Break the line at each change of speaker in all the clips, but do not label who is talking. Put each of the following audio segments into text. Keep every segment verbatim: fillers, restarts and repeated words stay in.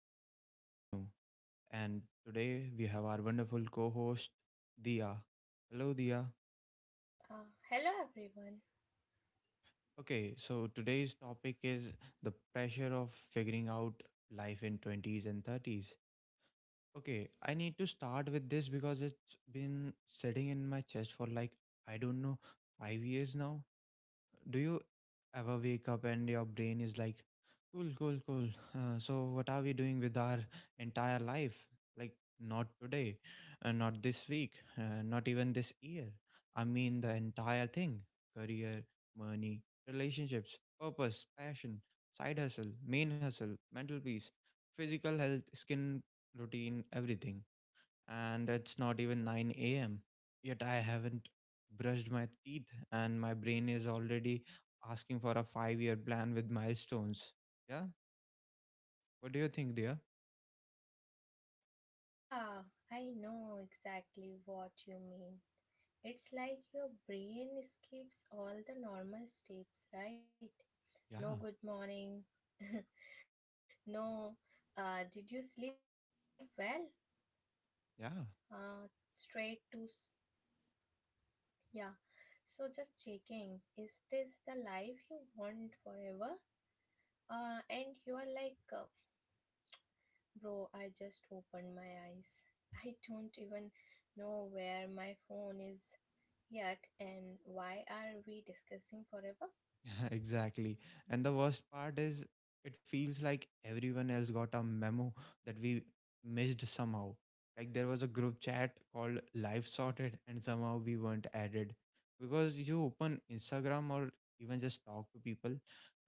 host, Vishnu, and today we have our wonderful co host, Dia. Hello, Dia.
Uh, hello, everyone.
Okay, so today's topic is the pressure of figuring out life in twenties and thirties. Okay, I need to start with this because it's been sitting in my chest for, like, I don't know, five years now. Do you ever wake up and your brain is like, cool, cool, cool. Uh, so, what are we doing with our entire life? Like, not today, uh, not this week, uh, not even this year. I mean, the entire thing: career, money, relationships, purpose, passion, side hustle, main hustle, mental peace, physical health, skin routine, everything. And it's not even nine a m. Yet I haven't brushed my teeth, and my brain is already asking for a five year plan with milestones. Yeah. What do you think, dear?
Yeah, I know exactly what you mean. It's like your brain skips all the normal steps, right?
Yeah.
No good morning. No, uh, did you sleep well? Uh,
Yeah.
straight to, s- yeah. So just checking, is this the life you want forever? Uh, and you are like, uh, bro, I just opened my eyes. I don't even know where my phone is yet, and why are we discussing forever?
Yeah, exactly. And the worst part is, it feels like everyone else got a memo that we missed somehow. Like there was a group chat called Live Sorted, and somehow we weren't added. Because you open Instagram or even just talk to people,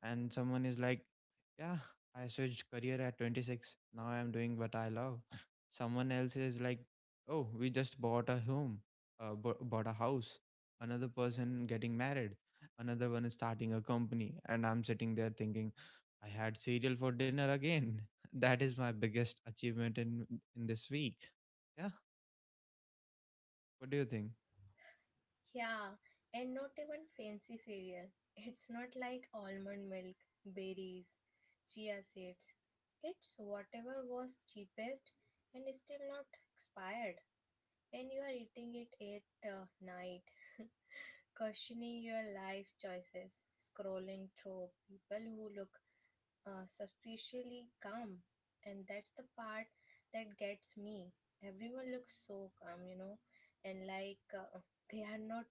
and someone is like, "Yeah, I switched career at twenty-six. Now I'm doing what I love." Someone else is like, "Oh, we just bought a home, uh, bu- bought a house." Another person getting married, another one is starting a company, and I'm sitting there thinking, I had cereal for dinner again. That is my biggest achievement in in this week. Yeah. What do you think?
Yeah, and not even fancy cereal. It's not like almond milk, berries, chia seeds. It's whatever was cheapest and is still not expired. And you are eating it at uh, night, questioning your life choices, scrolling through people who look uh, suspiciously calm, and that's the part that gets me. Everyone looks so calm, you know, and like uh, they are not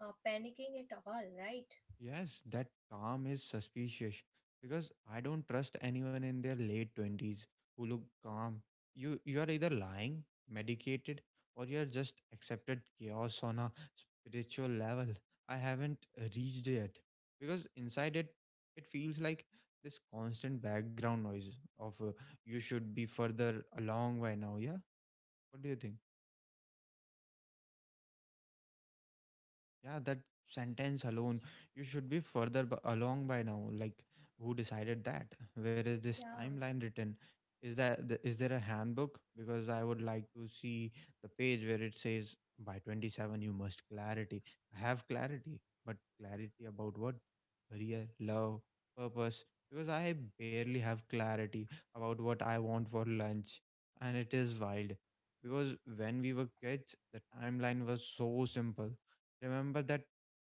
uh, panicking at all, right?
Yes, that calm is suspicious because I don't trust anyone in their late twenties who look calm. You you are either lying, medicated, or you are just accepted chaos on a spiritual level. I haven't reached yet because inside it it feels like this constant background noise of uh, you should be further along by now. Yeah, what do you think? Yeah, that sentence alone, you should be further b- along by now. Like, who decided that? Where is this
Yeah,
timeline written? Is that the, is there a handbook? Because I would like to see the page where it says by twenty-seven you must clarity have clarity, but clarity about what? Career, love, purpose. Because I barely have clarity about what I want for lunch, and it is wild. Because when we were kids, the timeline was so simple. Remember that?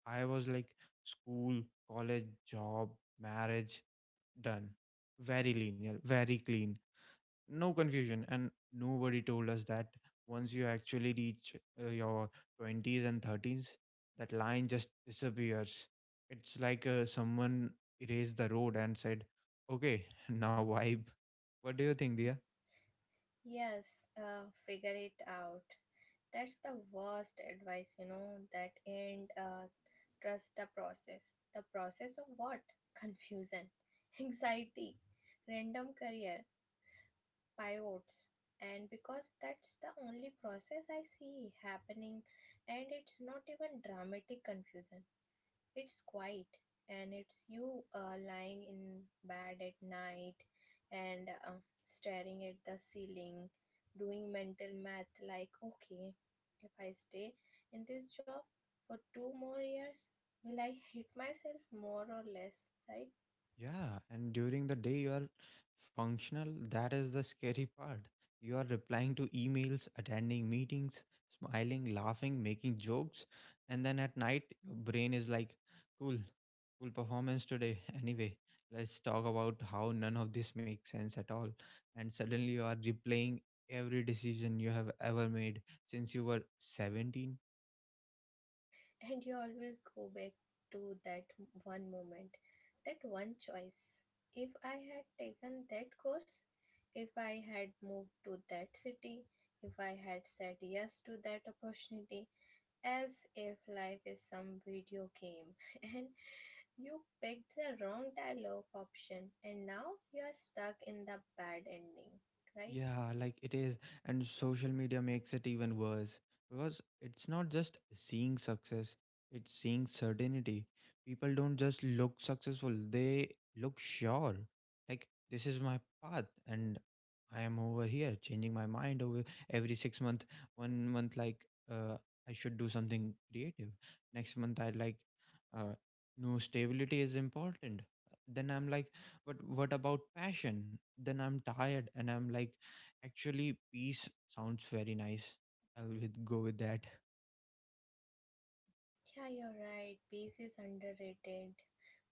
I was like school, college, job, marriage, done. Very linear, very clean. No confusion. And nobody told us that once you actually reach uh, your twenties and thirties, that line just disappears. It's like uh, someone erased the road and said, okay, now vibe. What do you think, Dia?
yes, uh, figure it out. That's the worst advice, you know, that and uh, trust the process. The process of what? Confusion, anxiety, random career, pivots. And because that's the only process I see happening. And it's not even dramatic confusion, it's quiet. And it's you uh, lying in bed at night and uh, staring at the ceiling, doing mental math like, okay, if I stay in this job for two more years, will I hit myself more or less, right?
Yeah, and during the day you are functional. That is the scary part. You are replying to emails, attending meetings, smiling, laughing, making jokes. And then at night, your brain is like, cool, cool performance today. Anyway, let's talk about how none of this makes sense at all. And suddenly you are replaying every decision you have ever made since you were seventeen.
And you always go back to that one moment, that one choice. If I had taken that course, if I had moved to that city, if I had said yes to that opportunity, as if life is some video game and you picked the wrong dialogue option and now you are stuck in the bad ending, right?
Yeah, like it is. And social media makes it even worse because it's not just seeing success, it's seeing certainty. People don't just look successful, they look sure. Like, this is my path, and I am over here changing my mind over every six month. One month, like, uh, I should do something creative. Next month, I like, uh, no, stability is important. Then I'm like, but what about passion? Then I'm tired and I'm like, actually, peace sounds very nice. I'll with, go with that.
Yeah, you're right. Peace is underrated.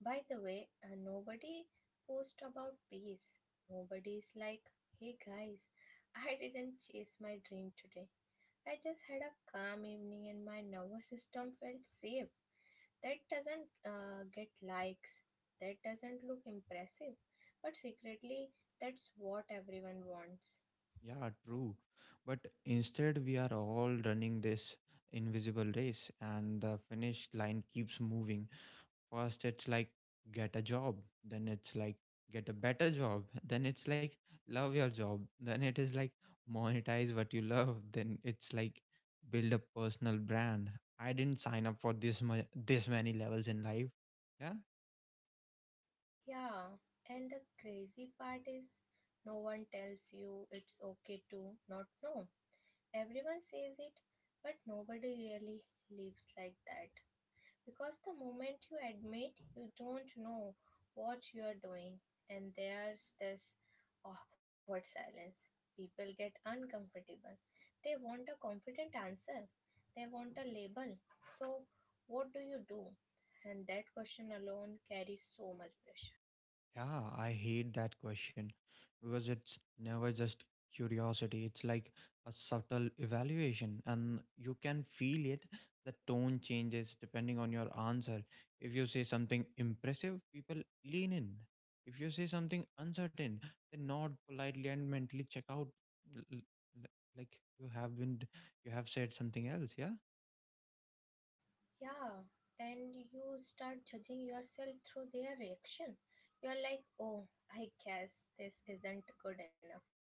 By the way, uh, nobody post about peace. Nobody is like, hey guys, I didn't chase my dream today. I just had a calm evening and my nervous system felt safe. That doesn't uh, get likes. That doesn't look impressive. But secretly, that's what everyone wants.
Yeah, true. But instead, we are all running this invisible race, and the finish line keeps moving. First, it's like get a job, then it's like get a better job, then it's like love your job, then it is like monetize what you love, then it's like build a personal brand. I didn't sign up for this much, this many levels in life. Yeah.
Yeah, and the crazy part is, no one tells you it's okay to not know. Everyone says it, but nobody really lives like that. Because the moment you admit you don't know what you're doing, and there's this awkward silence, people get uncomfortable. They want a confident answer, they want a label. So, what do you do? And that question alone carries so much pressure.
Yeah, I hate that question because it's never just curiosity. It's like a subtle evaluation, and you can feel it. The tone changes depending on your answer. If you say something impressive, people lean in. If you say something uncertain, they nod politely and mentally check out, l- l- l- like you have been, you have said something else. Yeah.
Yeah, and you start judging yourself through their reaction. You're like, oh, I guess this isn't good enough.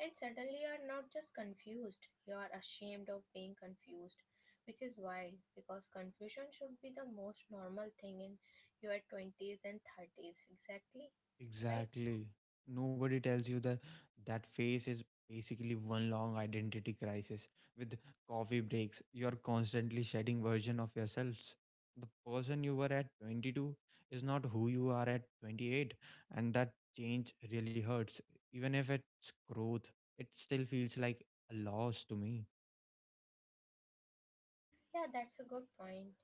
And suddenly you're not just confused, you're ashamed of being confused, which is wild because confusion should be the most normal thing in your twenties and thirties, exactly, right?
Exactly. Nobody tells you that that phase is basically one long identity crisis. With coffee breaks, you're constantly shedding version of yourselves. The person you were at twenty-two is not who you are at twenty-eight, and that change really hurts. Even if it's growth, it still feels like a loss to me.
Yeah, that's a good point.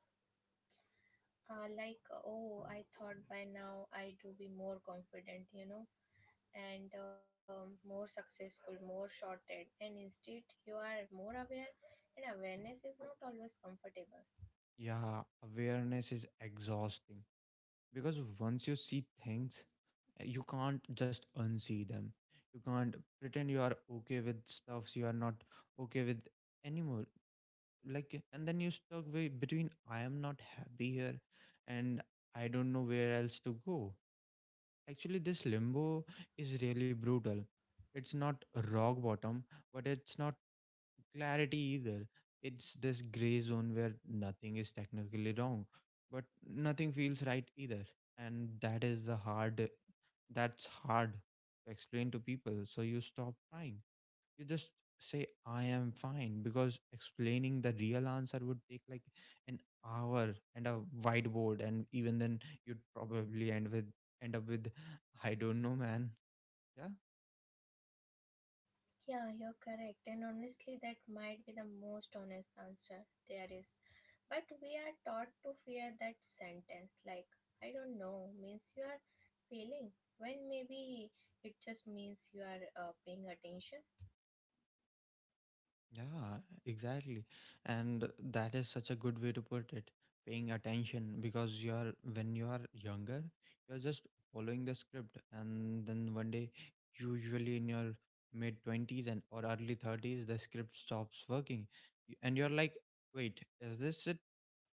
Uh, like, oh, I thought by now I do be more confident, you know, and um, more successful, more sorted, and instead you are more aware, and awareness is not always comfortable.
Yeah, awareness is exhausting because once you see things you can't just unsee them. You can't pretend you are okay with stuffs you are not okay with anymore. Like, and then you stuck way between, I am not happy here, and I don't know where else to go. Actually, this limbo is really brutal. It's not rock bottom, but it's not clarity either. It's this gray zone where nothing is technically wrong, but nothing feels right either. And that is the hard, that's hard to explain to people. So you stop trying. You just say, I am fine, because explaining the real answer would take like an hour and a whiteboard. And even then, you'd probably end with, end up with, I don't know, man. Yeah.
Yeah, you're correct, and honestly, that might be the most honest answer there is. But we are taught to fear that sentence, like, I don't know, means you are failing, when maybe it just means you are uh, paying attention.
Yeah, exactly. And that is such a good way to put it, paying attention, because you are when you are younger, you're just following the script, and then one day, usually in your mid twenties and or early thirties, the script stops working. Y- And you're like, "Wait, is this it?"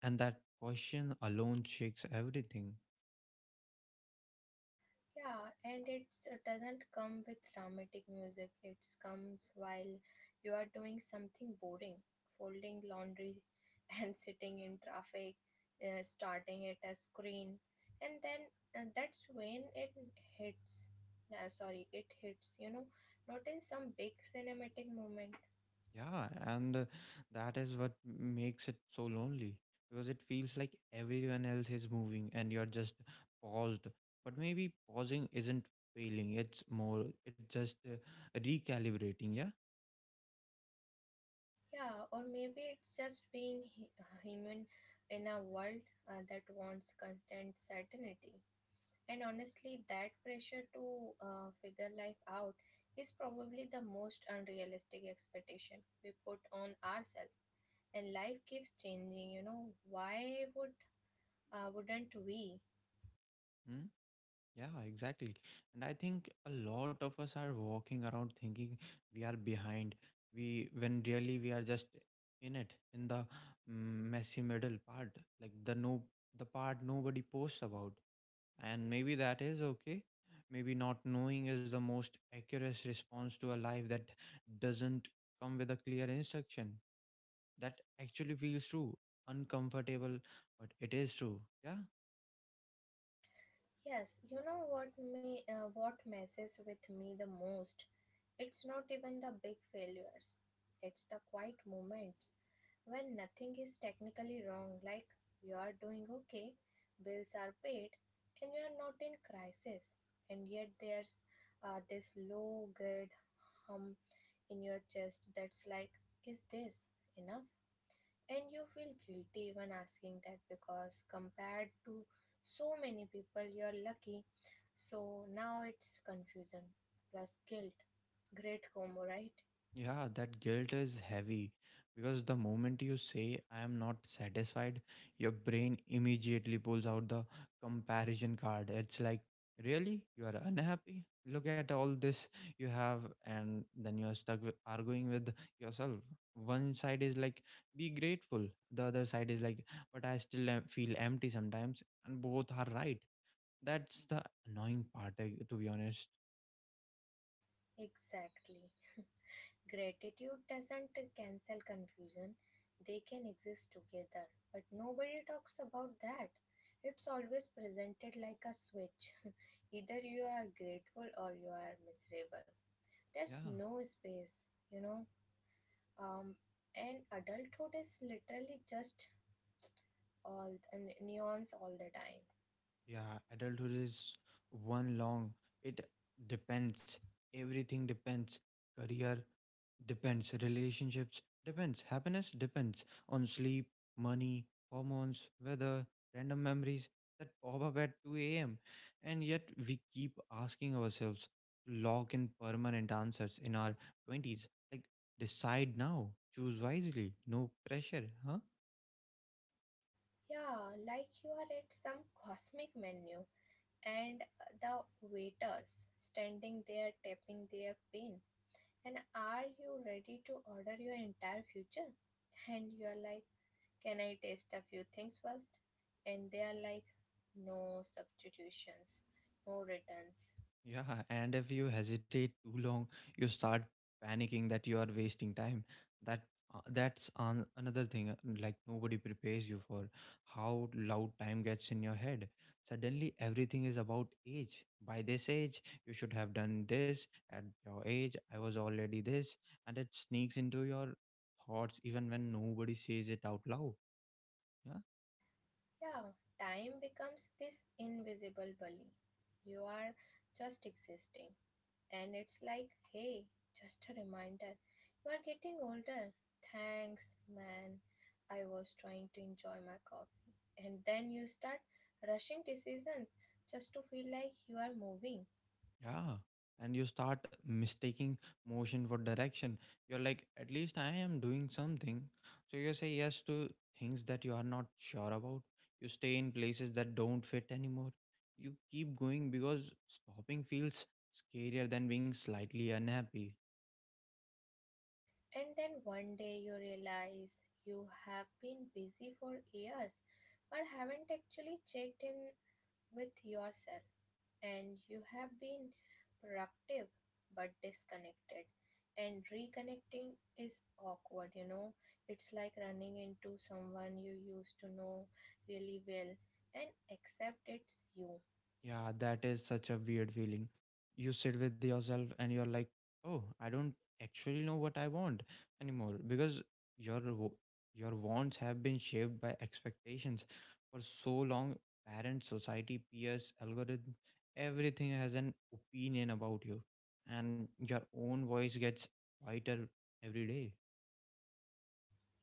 And that question alone shakes everything.
Yeah, and it's, it doesn't come with dramatic music. It comes while you are doing something boring, folding laundry and sitting in traffic, uh, starting at a screen. And then uh, that's when it hits. Uh, sorry, it hits, you know, not in some big cinematic moment.
Yeah, and uh, that is what makes it so lonely because it feels like everyone else is moving and you're just paused. But maybe pausing isn't failing, it's more, it's just uh, recalibrating. Yeah.
Yeah, or maybe it's just being hu- human in a world uh, that wants constant certainty. And honestly, that pressure to uh, figure life out is probably the most unrealistic expectation we put on ourselves. And life keeps changing, you know. Why would uh, wouldn't we?
Hmm? Yeah, exactly. And I think a lot of us are walking around thinking we are behind. We when really we are just in it, in the mm, messy middle part, like the no the part nobody posts about. And maybe that is okay. Maybe not knowing is the most accurate response to a life that doesn't come with a clear instruction. That actually feels true, uncomfortable, but it is true. Yeah.
Yes, you know what me uh, what messes with me the most? It's not even the big failures. It's the quiet moments when nothing is technically wrong, like you are doing okay, bills are paid and you are not in crisis, and yet there's uh, this low grade hum in your chest that's like, is this enough? And you feel guilty even asking that because compared to so many people, you're lucky. So now it's confusion plus guilt. Great combo, right?
Yeah, that guilt is heavy because the moment you say, I am not satisfied, your brain immediately pulls out the comparison card. It's like, really? You are unhappy? Look at all this you have. And then you are stuck with arguing with yourself. One side is like, be grateful. The other side is like, but I still am- feel empty sometimes. And both are right. That's the annoying part, I- to be honest.
Exactly. Gratitude doesn't cancel confusion, they can exist together. But nobody talks about that. It's always presented like a switch. Either you are grateful or you are miserable. There's
Yeah.
no space, you know. Um, and adulthood is literally just all the neons all the time.
Yeah, adulthood is one long. It depends. Everything depends. Career depends. Relationships depends. Happiness depends on sleep, money, hormones, weather, random memories that pop up at two a m. And yet we keep asking ourselves to lock in permanent answers in our twenties. Like, decide now. Choose wisely. No pressure, huh?
Yeah, like you are at some cosmic menu, and the waiters standing there tapping their pin. And are you ready to order your entire future? And you are like, can I taste a few things first? And they are like, no substitutions, no returns.
Yeah, and if you hesitate too long, you start panicking that you are wasting time. That uh, that's an, another thing. uh, Like nobody prepares you for how loud time gets in your head. Suddenly, everything is about age. By this age, you should have done this. At your age, I was already this, and it sneaks into your thoughts even when nobody says it out loud. Yeah.
Yeah, time becomes this invisible bully. You are just existing, and it's like, hey, just a reminder, you are getting older. Thanks, man. I was trying to enjoy my coffee. And then you start rushing decisions just to feel like you are moving.
Yeah. And you start mistaking motion for direction. You're like, at least I am doing something. So you say yes to things that you are not sure about. You stay in places that don't fit anymore. You keep going because stopping feels scarier than being slightly unhappy.
And then one day you realize you have been busy for years but haven't actually checked in with yourself. And you have been productive but disconnected, and reconnecting is awkward, you know. It's like running into someone you used to know really well and accept it's you.
Yeah, that is such a weird feeling. You sit with yourself and you're like, "Oh, I don't actually know what I want anymore," because your w- your wants have been shaped by expectations for so long. Parents, society, peers, algorithm, everything has an opinion about you, and your own voice gets quieter every day.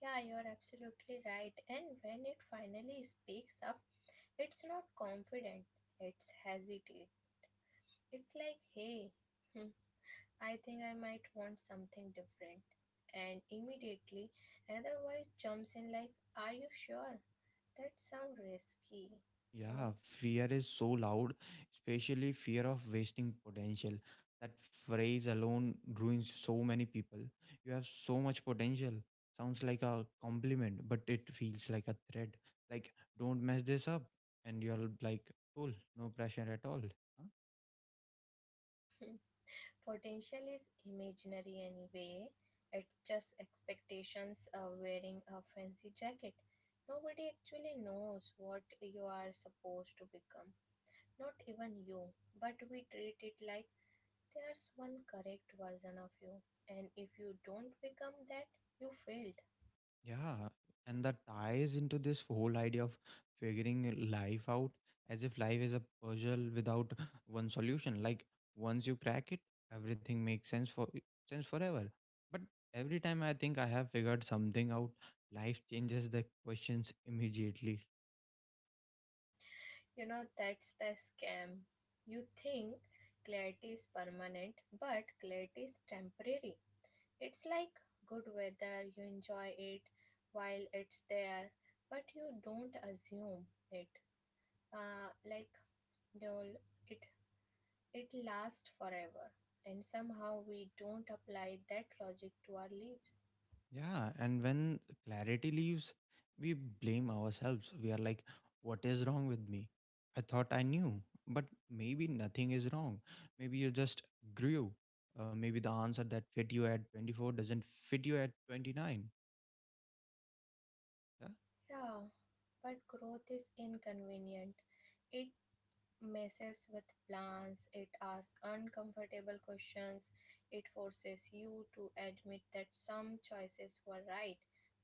Yeah, you're absolutely right, and when it finally speaks up, it's not confident, it's hesitate. It's like, hey, I think I might want something different. And immediately another voice jumps in like, are you sure? That sounds risky. You know,
Yeah, fear is so loud, especially fear of wasting potential. That phrase alone ruins so many people. You have so much potential. Sounds like a compliment, but it feels like a threat. Like, don't mess this up. And you're like, cool, no pressure at all, huh?
potential is imaginary anyway. It's just expectations of wearing a fancy jacket. Nobody actually knows what you are supposed to become. Not even you. But we treat it like there's one correct version of you. And if you don't become that, you failed.
Yeah, and that ties into this whole idea of figuring life out as if life is a puzzle without one solution. Like once you crack it, everything makes sense for sense forever. But every time I think I have figured something out, life changes the questions immediately.
You know, that's the scam. You think clarity is permanent, but clarity is temporary. It's like good weather, you enjoy it while it's there, but you don't assume it. Uh, like you'll, it it lasts forever, and somehow we don't apply that logic to our lives.
Yeah, and when clarity leaves, we blame ourselves. We are like, what is wrong with me? I thought I knew, but maybe nothing is wrong. Maybe you just grew. Uh, maybe the answer that fit you at twenty-four doesn't fit you at twenty-nine. Yeah,
Yeah, but growth is inconvenient. It messes with plans, it asks uncomfortable questions, it forces you to admit that some choices were right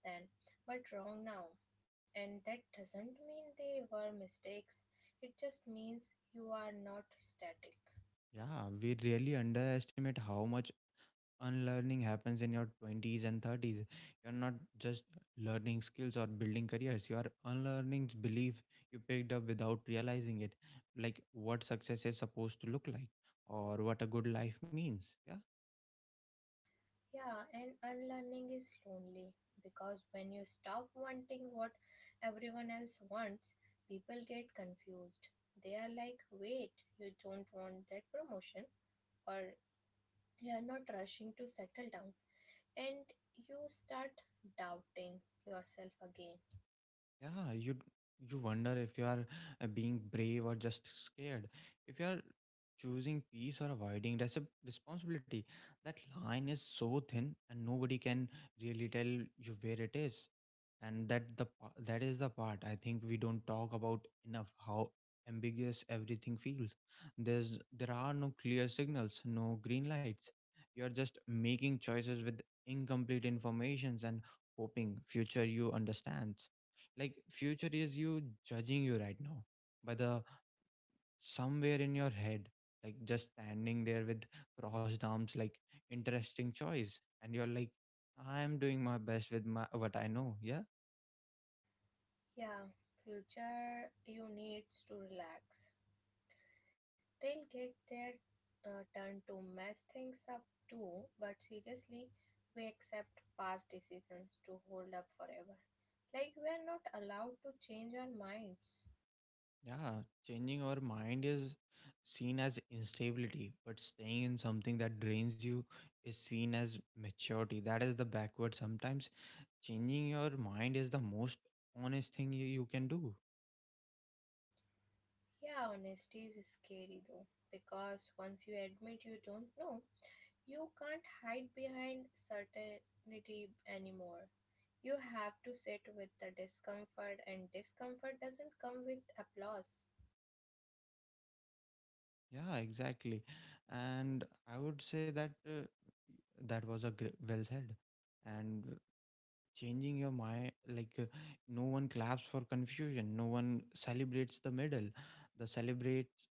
then but wrong now. And that doesn't mean they were mistakes, it just means you are not static.
yeah we really underestimate how much unlearning happens in your twenties and thirties. You're not just learning skills or building careers, you are unlearning belief you picked up without realizing it, like what success is supposed to look like or what a good life means. Yeah.
Yeah, and unlearning is lonely because when you stop wanting what everyone else wants, people get confused. They are like, wait, you don't want that promotion, or you are not rushing to settle down, and you start doubting yourself again.
Yeah, you d- you wonder if you are uh, being brave or just scared. If you are choosing peace or avoiding res- responsibility, that line is so thin, and nobody can really tell you where it is. And that the pa- that is the part I think we don't talk about enough. How ambiguous everything feels. There's there are no clear signals, no green lights. You are just making choices with incomplete informations and hoping future you understands. Like future is you judging you right now, but the somewhere in your head, like just standing there with crossed arms like, interesting choice. And you're like, I am doing my best with my what I know. Yeah.
Yeah, future you needs to relax, they'll get their uh, turn to mess things up too. But seriously, we accept past decisions to hold up forever, like we are not allowed to change our minds.
Yeah, changing our mind is seen as instability, but staying in something that drains you is seen as maturity. That is the backward. Sometimes changing your mind is the most honest thing you, you can do.
Yeah, honesty is scary though, because once you admit you don't know, you can't hide behind certainty anymore. You have to sit with the discomfort, and discomfort doesn't come with applause.
Yeah, exactly. And I would say that uh, that was a gr- well said. And changing your mind, like, uh, no one claps for confusion, no one celebrates the middle, the celebrates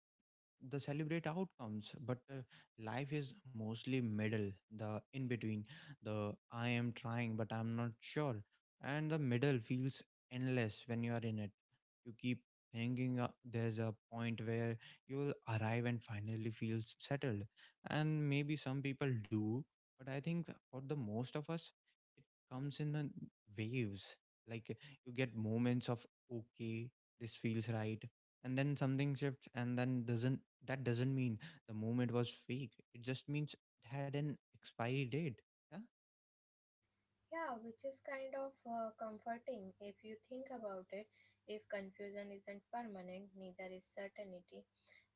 the celebrate outcomes. But uh, life is mostly middle, the in between, the I am trying but I'm not sure, and the middle feels endless when you are in it. You keep thinking, uh, there's a point where you will arrive and finally feel s- settled. And maybe some people do, but I think for the most of us, it comes in the waves. Like, you get moments of, okay, this feels right, and then something shifts and then doesn't. That doesn't mean the moment was fake, it just means it had an expiry date. Yeah.
Yeah, which is kind of uh, comforting if you think about it. If confusion isn't permanent, neither is certainty.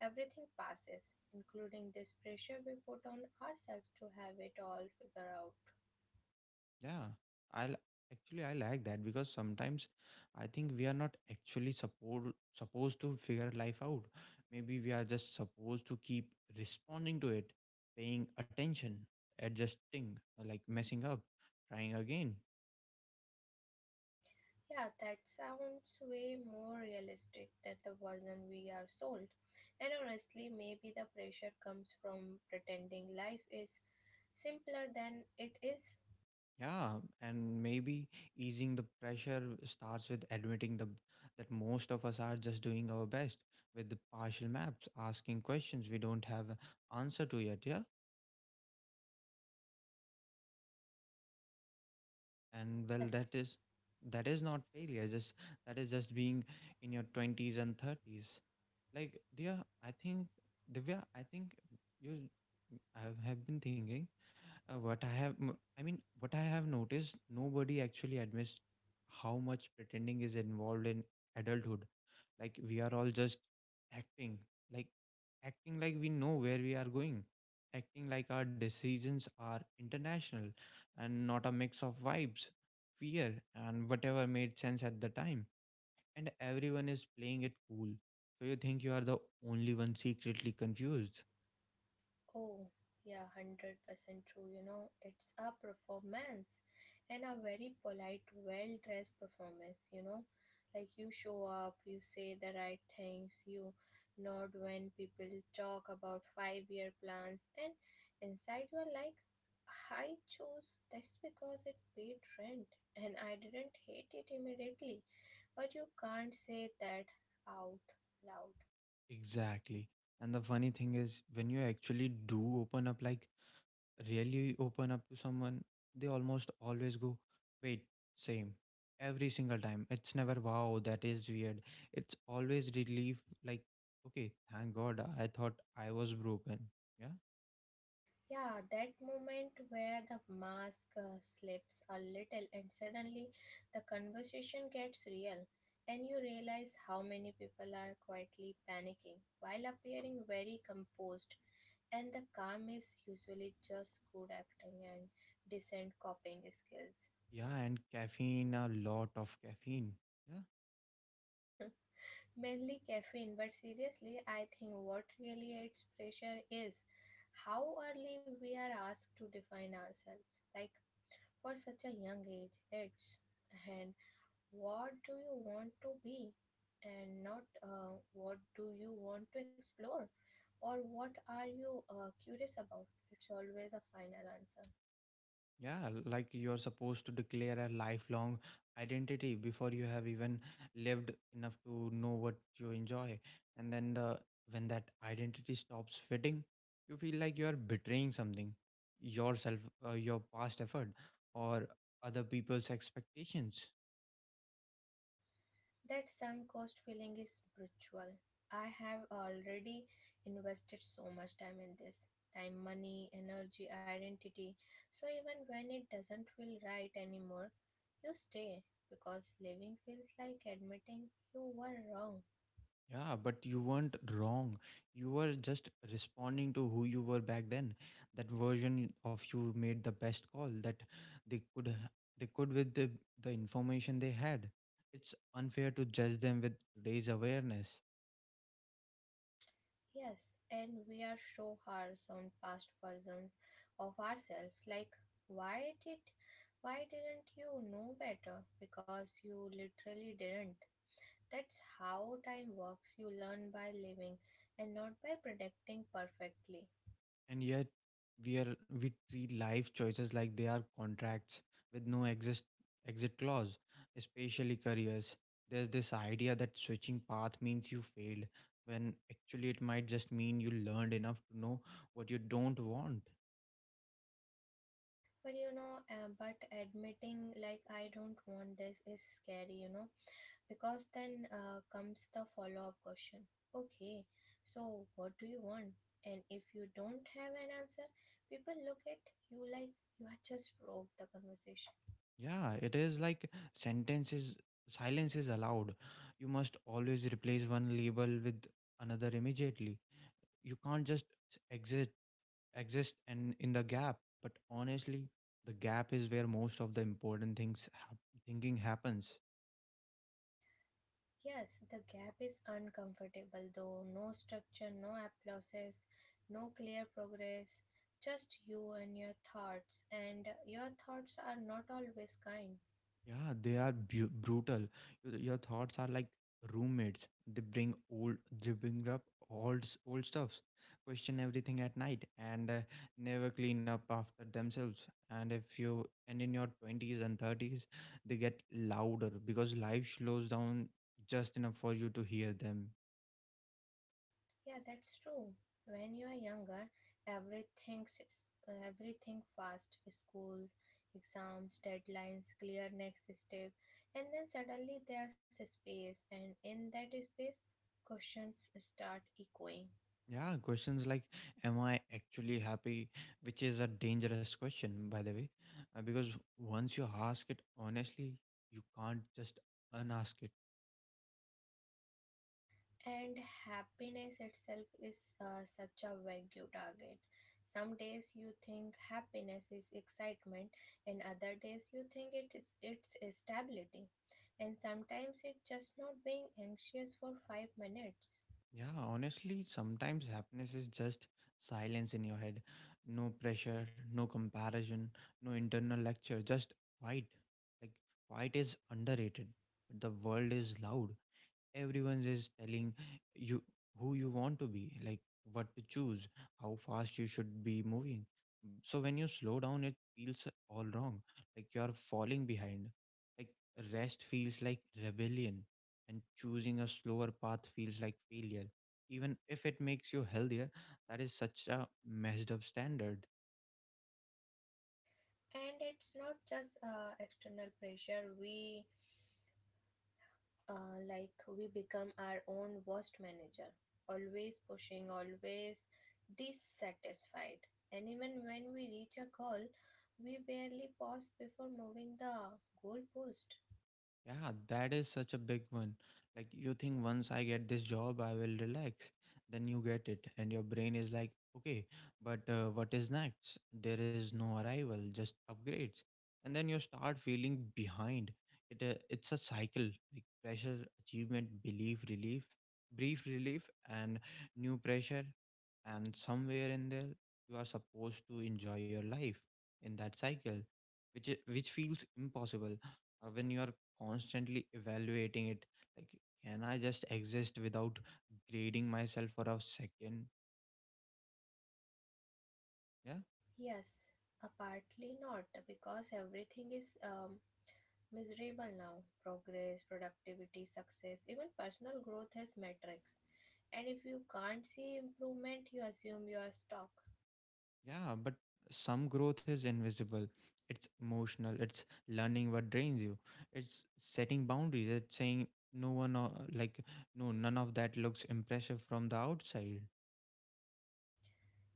Everything passes, including this pressure we put on ourselves to have it all figured out.
Yeah, I'll actually I like that because sometimes I think we are not actually support supposed to figure life out. Maybe we are just supposed to keep responding to it, paying attention, adjusting, uh, like messing up, trying again.
Yeah, that sounds way more realistic than the version we are sold. And honestly, maybe the pressure comes from pretending life is simpler than it is.
Yeah, and maybe easing the pressure starts with admitting the that most of us are just doing our best with the partial maps, asking questions we don't have answer to yet. Yeah, and well,
Yes.
that is that is not failure. Just that is just being in your twenties and thirties. Like dear, I think Divya, I think you, I have been thinking, uh, what i have m- i mean what I have noticed, nobody actually admits how much pretending is involved in adulthood. Like we are all just acting, like acting like we know where we are going, acting like our decisions are international and not a mix of vibes, fear, and whatever made sense at the time. And everyone is playing it cool, so you think you are the only one secretly confused.
Oh, yeah, one hundred percent true. You know, it's a performance, and a very polite, well dressed performance. You know, like you show up, you say the right things, you nod when people talk about five year plans, and inside you are like, I chose this because it paid rent and I didn't hate it immediately. But you can't say that out loud.
Exactly. And the funny thing is, when you actually do open up, like really open up to someone, they almost always go, wait, same. Every single time. It's never, wow, that is weird. It's always relief, like, okay, thank God I thought I was broken. Yeah.
Yeah, that moment where the mask uh, slips a little and suddenly the conversation gets real, and you realize how many people are quietly panicking while appearing very composed, and the calm is usually just good acting and decent copying skills.
Yeah. And caffeine, a lot of caffeine. Yeah.
Mainly caffeine, but seriously, I think what really adds pressure is how early we are asked to define ourselves. Like, for such a young age. It's and what do you want to be, and not uh, what do you want to explore, or what are you uh, curious about. It's always a final answer.
Yeah, like you are supposed to declare a lifelong identity before you have even lived enough to know what you enjoy. And then the when that identity stops fitting, you feel like you are betraying something, yourself, uh, your past effort, or other people's expectations.
That sunk cost feeling is brutal. I have already invested so much time in this, time, money, energy, identity. So even when it doesn't feel right anymore, you stay because living feels like admitting you were wrong.
Yeah, but you weren't wrong. You were just responding to who you were back then. That version of you made the best call that they could h- they could with the, the information they had. It's unfair to judge them with today's awareness.
Yes, and we are so harsh on past versions of ourselves. Like, why did, why didn't you know better? Because you literally didn't. That's how time works. You learn by living, and not by predicting perfectly.
And yet, we are we treat life choices like they are contracts with no exist exit clause, especially careers. There's this idea that switching path means you failed, when actually it might just mean you learned enough to know what you don't want.
But you know, uh, but admitting like I don't want this is scary. You know, because then uh, comes the follow up question. Okay, so what do you want? And if you don't have an answer, people look at you like you have just broke the conversation.
Yeah, it is like sentences, silence is allowed. You must always replace one label with another immediately. You can't just exit. Exist and in the gap. But honestly, the gap is where most of the important things hap- thinking happens.
Yes, the gap is uncomfortable though. No structure, no applauses, no clear progress, just you and your thoughts. And your thoughts are not always kind.
Yeah, they are bu- brutal. Your, your thoughts are like roommates. They bring old, they bring up old s- old stuffs, question everything at night, and uh, never clean up after themselves. And if you and in your twenties and thirties, they get louder because life slows down just enough for you to hear them.
Yeah, that's true. When you are younger, everything's everything fast, schools, exams, deadlines, clear next step, and then suddenly there's a space, and in that space, questions start echoing.
Yeah, questions like, am I actually happy? Which is a dangerous question, by the way, uh, because once you ask it honestly, you can't just unask it.
And happiness itself is uh, such a vague target. Some days you think happiness is excitement, and other days you think it is it's stability. And sometimes it's just not being anxious for five minutes.
Yeah, honestly, sometimes happiness is just silence in your head. No pressure, no comparison, no internal lecture, just quiet. Like, quiet is underrated, but the world is loud. Everyone's is telling you who you want to be, like what to choose, how fast you should be moving. So when you slow down, it feels all wrong, like you're falling behind, like rest feels like rebellion, and choosing a slower path feels like failure, even if it makes you healthier. That is such a messed up standard.
And it's not just uh, external pressure. We uh, like we become our own worst manager, always pushing, always dissatisfied. And even when we reach a goal, we barely pause before moving the goalpost.
Yeah, that is such a big one. Like, you think, once I get this job, I will relax. Then you get it, and your brain is like, okay, but uh, what is next? There is no arrival, just upgrades. And then you start feeling behind. It uh, It's a cycle, like pressure, achievement, belief, relief, brief relief, and new pressure. And somewhere in there, you are supposed to enjoy your life in that cycle, which, i- which feels impossible uh, when you are constantly evaluating it. Like, can I just exist without grading myself for a second? Yeah.
Yes, uh, partly not because everything is um, miserable now. Progress, productivity, success, even personal growth has metrics. And if you can't see improvement, you assume you are stuck.
Yeah, but some growth is invisible. It's emotional, it's learning what drains you, it's setting boundaries, it's saying no. one uh, like no none of that looks impressive from the outside.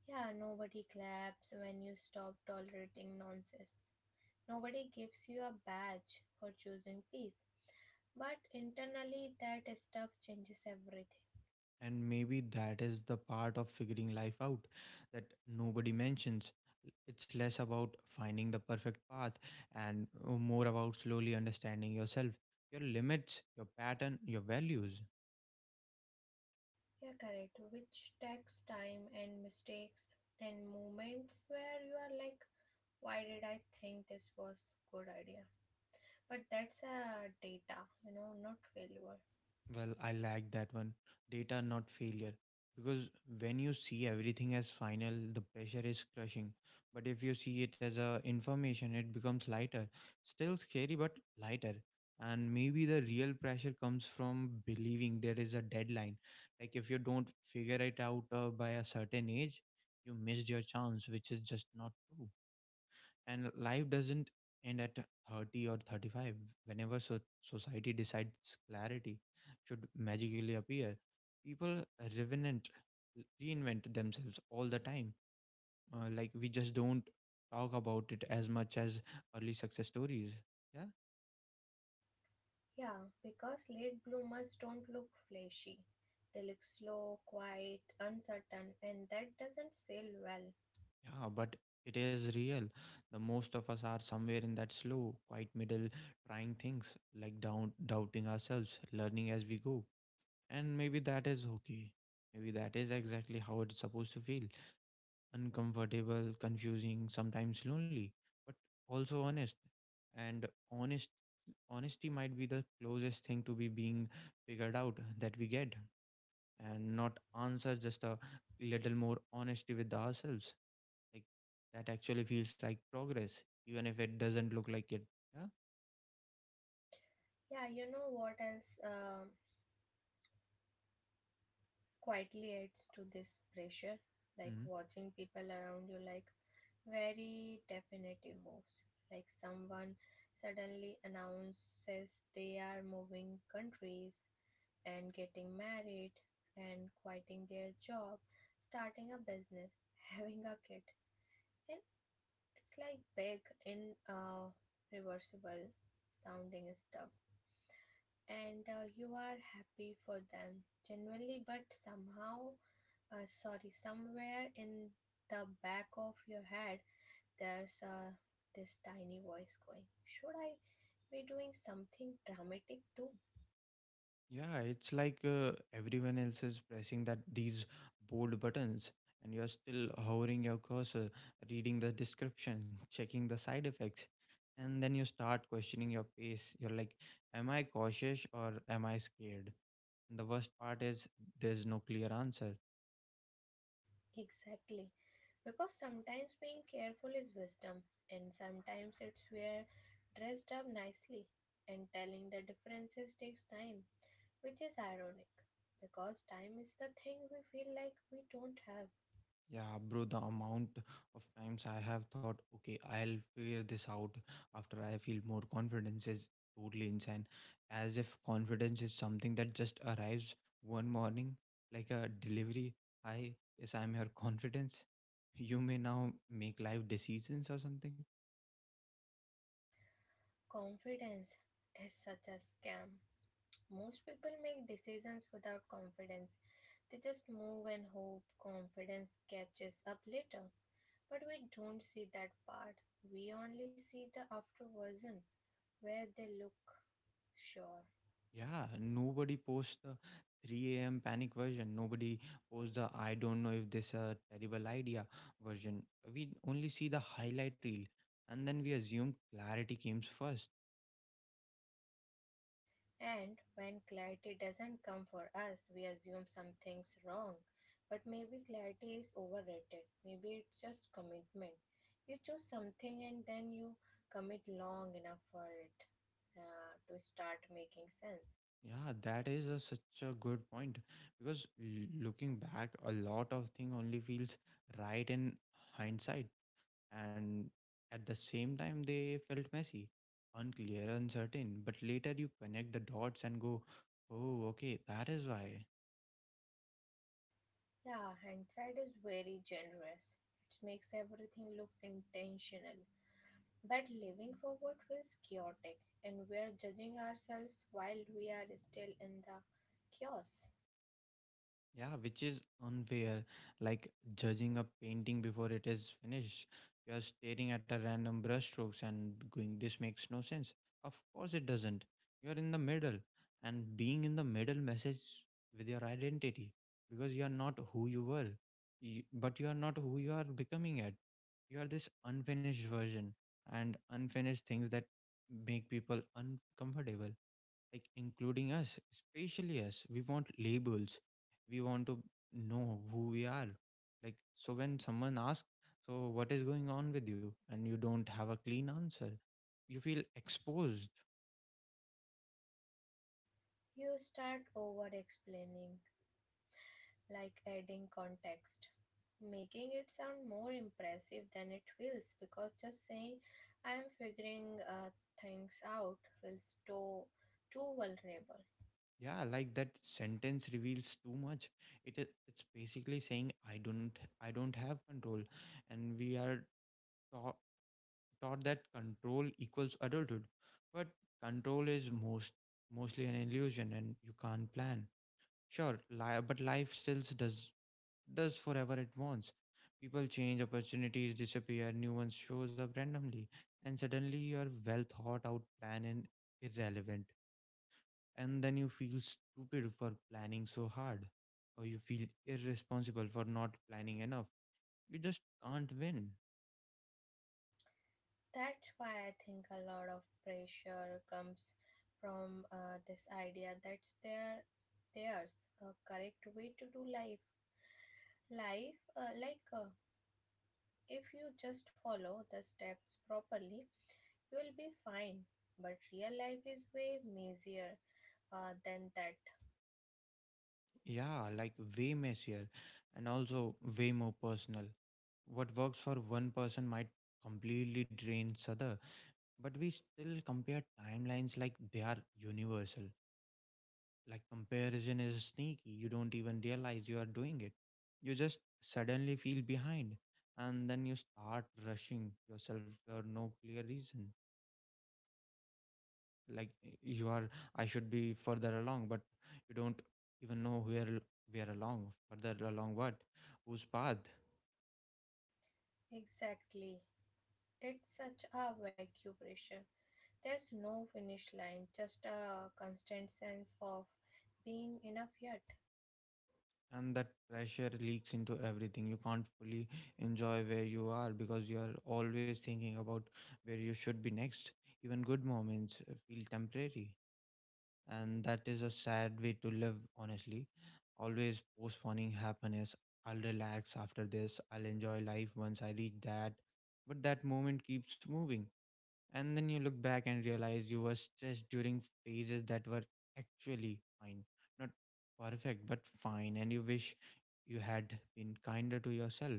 Yeah, nobody claps when you stop tolerating nonsense. Nobody gives you a badge for choosing peace. But internally, that stuff changes everything.
And maybe that is the part of figuring life out that nobody mentions. It's less about finding the perfect path and uh, more about slowly understanding yourself, your limits, your pattern, your values.
You're correct, which takes time and mistakes and moments where you are like, why did I think this was good idea? But that's a data, you know, not failure.
Well, I like that one. Data, not failure. Because when you see everything as final, the pressure is crushing. But if you see it as a information, it becomes lighter. Still scary, but lighter. And maybe the real pressure comes from believing there is a deadline. Like if you don't figure it out uh, by a certain age, you missed your chance, which is just not true. And life doesn't end at thirty or thirty-five, whenever so- society decides clarity should magically appear. People revenant reinvent themselves all the time. Uh, like, we just don't talk about it as much as early success stories. Yeah.
Yeah, because late bloomers don't look flashy. They look slow, quiet, uncertain, and that doesn't sell well.
Yeah, but it is real. The most of us are somewhere in that slow quiet middle, trying things, like down doubting ourselves, learning as we go. And maybe that is okay. Maybe that is exactly how it's supposed to feel, uncomfortable, confusing, sometimes lonely, but also honest. And honest honesty might be the closest thing to be being figured out that we get. And not answer, just a little more honesty with ourselves, like that actually feels like progress, even if it doesn't look like it. Yeah.
Yeah, you know what else um, quietly adds to this pressure? Like
Hmm.
watching people around you, like very definitive moves. Like someone suddenly announces they are moving countries and getting married and quitting their job, starting a business, having a kid. And it's like big in uh, reversible sounding stuff, and uh, you are happy for them generally, but somehow, uh, sorry, somewhere in the back of your head, there's uh, this tiny voice going, should I be doing something dramatic too?
Yeah, it's like, uh, everyone else is pressing that these bold buttons and you're still hovering your cursor, reading the description, checking the side effects, and then you start questioning your pace. You're like, am I cautious or am I scared? And the worst part is, there's no clear answer.
Exactly, because sometimes being careful is wisdom, and sometimes it's we're dressed up nicely, and telling the differences takes time. Which is ironic, because time is the thing we feel like we don't have.
Yeah, bro, the amount of times I have thought, okay, I'll figure this out after I feel more confidence, is totally insane. As if confidence is something that just arrives one morning, like a delivery. Hi, yes, I'm your confidence. You may now make life decisions or something.
Confidence is such a scam. Most people make decisions without confidence. They just move and hope confidence catches up later. But we don't see that part. We only see the after version where they look sure.
Yeah, nobody posts the three a m panic version. Nobody posts the I don't know if this a terrible idea version. We only see the highlight reel, and then we assume clarity comes first.
And when clarity doesn't come for us, we assume something's wrong. But maybe clarity is overrated. Maybe it's just commitment. You choose something and then you commit long enough for it uh, to start making sense.
Yeah, that is a, such a good point, because l- looking back, a lot of thing only feels right in hindsight, and at the same time, they felt messy, unclear, uncertain. But later, you connect the dots and go, "Oh, okay, that is why."
Yeah, hindsight is very generous. It makes everything look intentional. But living forward feels chaotic, and we are judging ourselves while we are still in the chaos.
Yeah, which is unfair. Like judging a painting before it is finished. You're staring at a random brushstrokes and going, this makes no sense. Of course it doesn't. You're in the middle. And being in the middle messes with your identity because you're not who you were, y- but you are not who you are becoming at. You are this unfinished version, and unfinished things that make people uncomfortable, like including us, especially us. We want labels. We want to know who we are. Like, so when someone asks, "So, what is going on with you?" and you don't have a clean answer, you feel exposed.
You start over explaining, like adding context, making it sound more impressive than it feels because just saying I am figuring uh, things out feels too, too vulnerable.
Yeah, like that sentence reveals too much. It is it's basically saying I don't I don't have control, and we are taught, taught that control equals adulthood, but control is most mostly an illusion, and you can't plan. Sure, li- but life still does does forever at once. People change, opportunities disappear, new ones shows up randomly, and suddenly your well thought out plan is irrelevant, and then you feel stupid for planning so hard, or you feel irresponsible for not planning enough. You just can't win.
That's why I think a lot of pressure comes from uh, this idea that there, there's a correct way to do life life uh, like uh, If you just follow the steps properly, you will be fine. But real life is way messier uh, than that.
Yeah, like way messier, and also way more personal. What works for one person might completely drain other, but we still compare timelines like they are universal. Like comparison is sneaky. You don't even realize you are doing it. You just suddenly feel behind, and then you start rushing yourself for no clear reason. Like y- you are, I should be further along, but you don't even know where l- we along, further along what, whose path.
Exactly. It's such a vacuum pressure. There's no finish line, just a constant sense of being enough yet.
And that pressure leaks into everything. You can't fully enjoy where you are because you are always thinking about where you should be next. Even good moments uh, feel temporary, and that is a sad way to live, honestly. Always postponing happiness. I'll relax after this, I'll enjoy life once I reach that, but that moment keeps moving. And then you look back and realize you were stressed during phases that were actually fine. Not perfect, but fine. And you wish you had been kinder to yourself.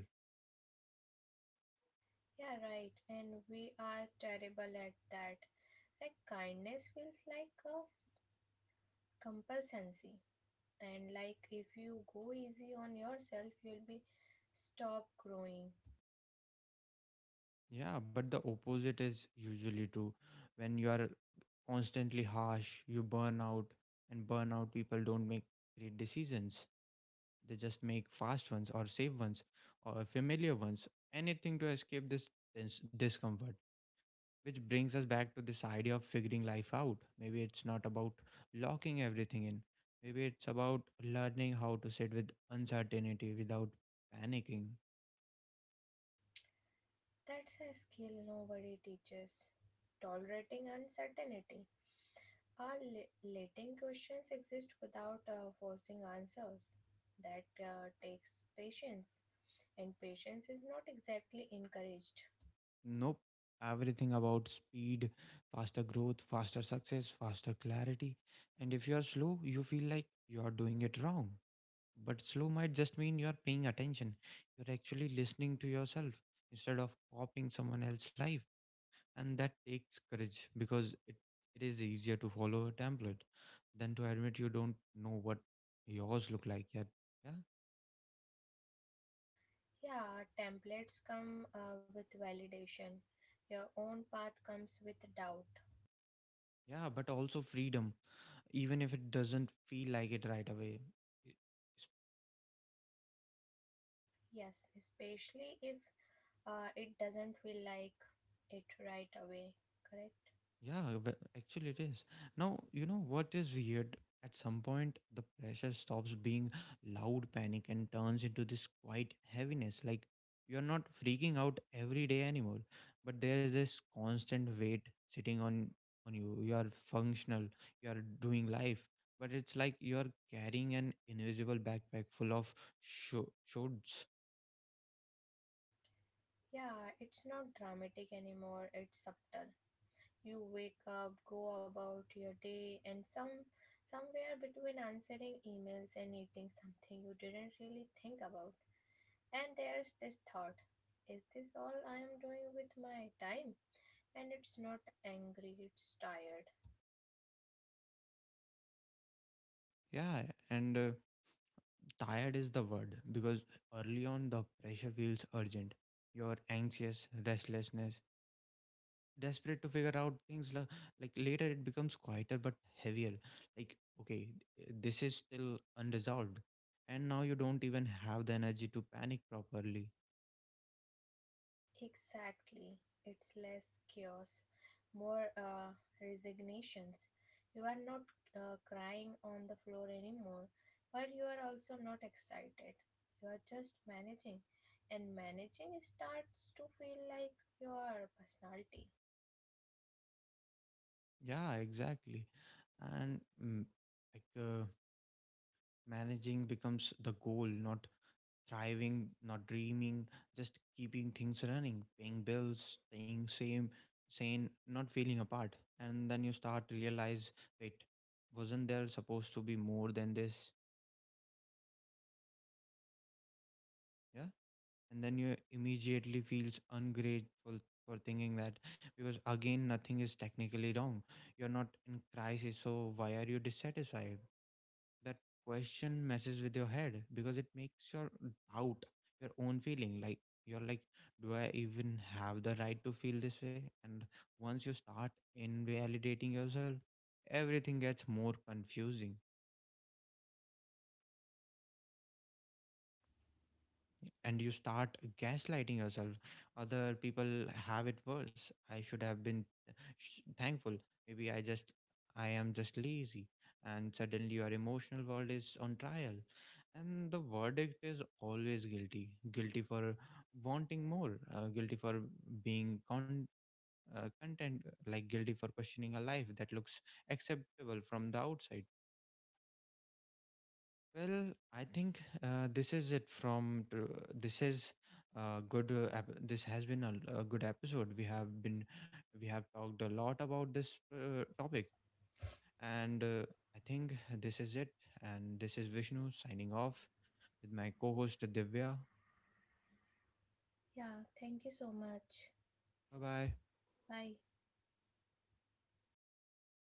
Yeah, right. And we are terrible at that. Like kindness feels like a compulsancy. And like if you go easy on yourself, you'll be stop growing.
Yeah, but the opposite is usually true. When you are constantly harsh, you burn out. And burn out people don't make great decisions. They just make fast ones or safe ones or familiar ones. Anything to escape this dis- discomfort. Which brings us back to this idea of figuring life out. Maybe it's not about locking everything in. Maybe it's about learning how to sit with uncertainty without panicking.
That's a skill nobody teaches. Tolerating uncertainty or le- letting questions exist without uh, forcing answers. That uh, takes patience, and patience is not exactly encouraged.
Nope. Everything about speed, faster growth, faster success, faster clarity. And if you're slow, you feel like you're doing it wrong. But slow might just mean you're paying attention. You're actually listening to yourself instead of copying someone else's life. And that takes courage because it, it is easier to follow a template than to admit you don't know what yours look like yet. Yeah.
Yeah, templates come uh, with validation, your own path comes with doubt.
Yeah, but also freedom, even if it doesn't feel like it right away. e,
Yes, especially if uh, it doesn't feel like it right away, correct?
Yeah, but actually it is. Now, you know what is weird? At some point, the pressure stops being loud panic and turns into this quiet heaviness. Like you're not freaking out every day anymore, but there's this constant weight sitting on on you. You're functional, you're doing life, but it's like you're carrying an invisible backpack full of sho shoulds.
Yeah, it's not dramatic anymore, it's subtle. You wake up, go about your day, and some somewhere between answering emails and eating something you didn't really think about. And there's this thought, is this all I am doing with my time? And it's not angry, it's tired.
Yeah, and uh, tired is the word because early on the pressure feels urgent. You're anxious, restlessness, desperate to figure out things. la- Like later, it becomes quieter but heavier. Like, okay, th- this is still unresolved. And now you don't even have the energy to panic properly.
Exactly. It's less chaos, more uh, resignations. You are not uh, crying on the floor anymore, but you are also not excited. You are just managing, and managing starts to feel like your personality.
Yeah, exactly. And mm, like uh, Managing becomes the goal, not thriving, not dreaming, just keeping things running, paying bills, staying same, sane, not feeling apart. And then you start realize, wait, wasn't there supposed to be more than this? Yeah. And then you immediately feels ungrateful for thinking that, because again, nothing is technically wrong. You're not in crisis, so why are you dissatisfied? That question messes with your head because it makes your doubt your own feeling. Like you're like, do I even have the right to feel this way? And once you start invalidating yourself, everything gets more confusing, and you start gaslighting yourself. Other people have it worse, I should have been sh- thankful, maybe I just I am just lazy. And suddenly your emotional world is on trial, and the verdict is always guilty. Guilty for wanting more, uh, guilty for being con- uh, content, like guilty for questioning a life that looks acceptable from the outside. Well, I think uh, this is it from tr- this is uh, good. Uh, ep- this has been a, a good episode. We have been we have talked a lot about this uh, topic, and uh, I think this is it. And this is Vishnu signing off with my co-host Divya.
Yeah, thank you so much.
Bye bye.
Bye.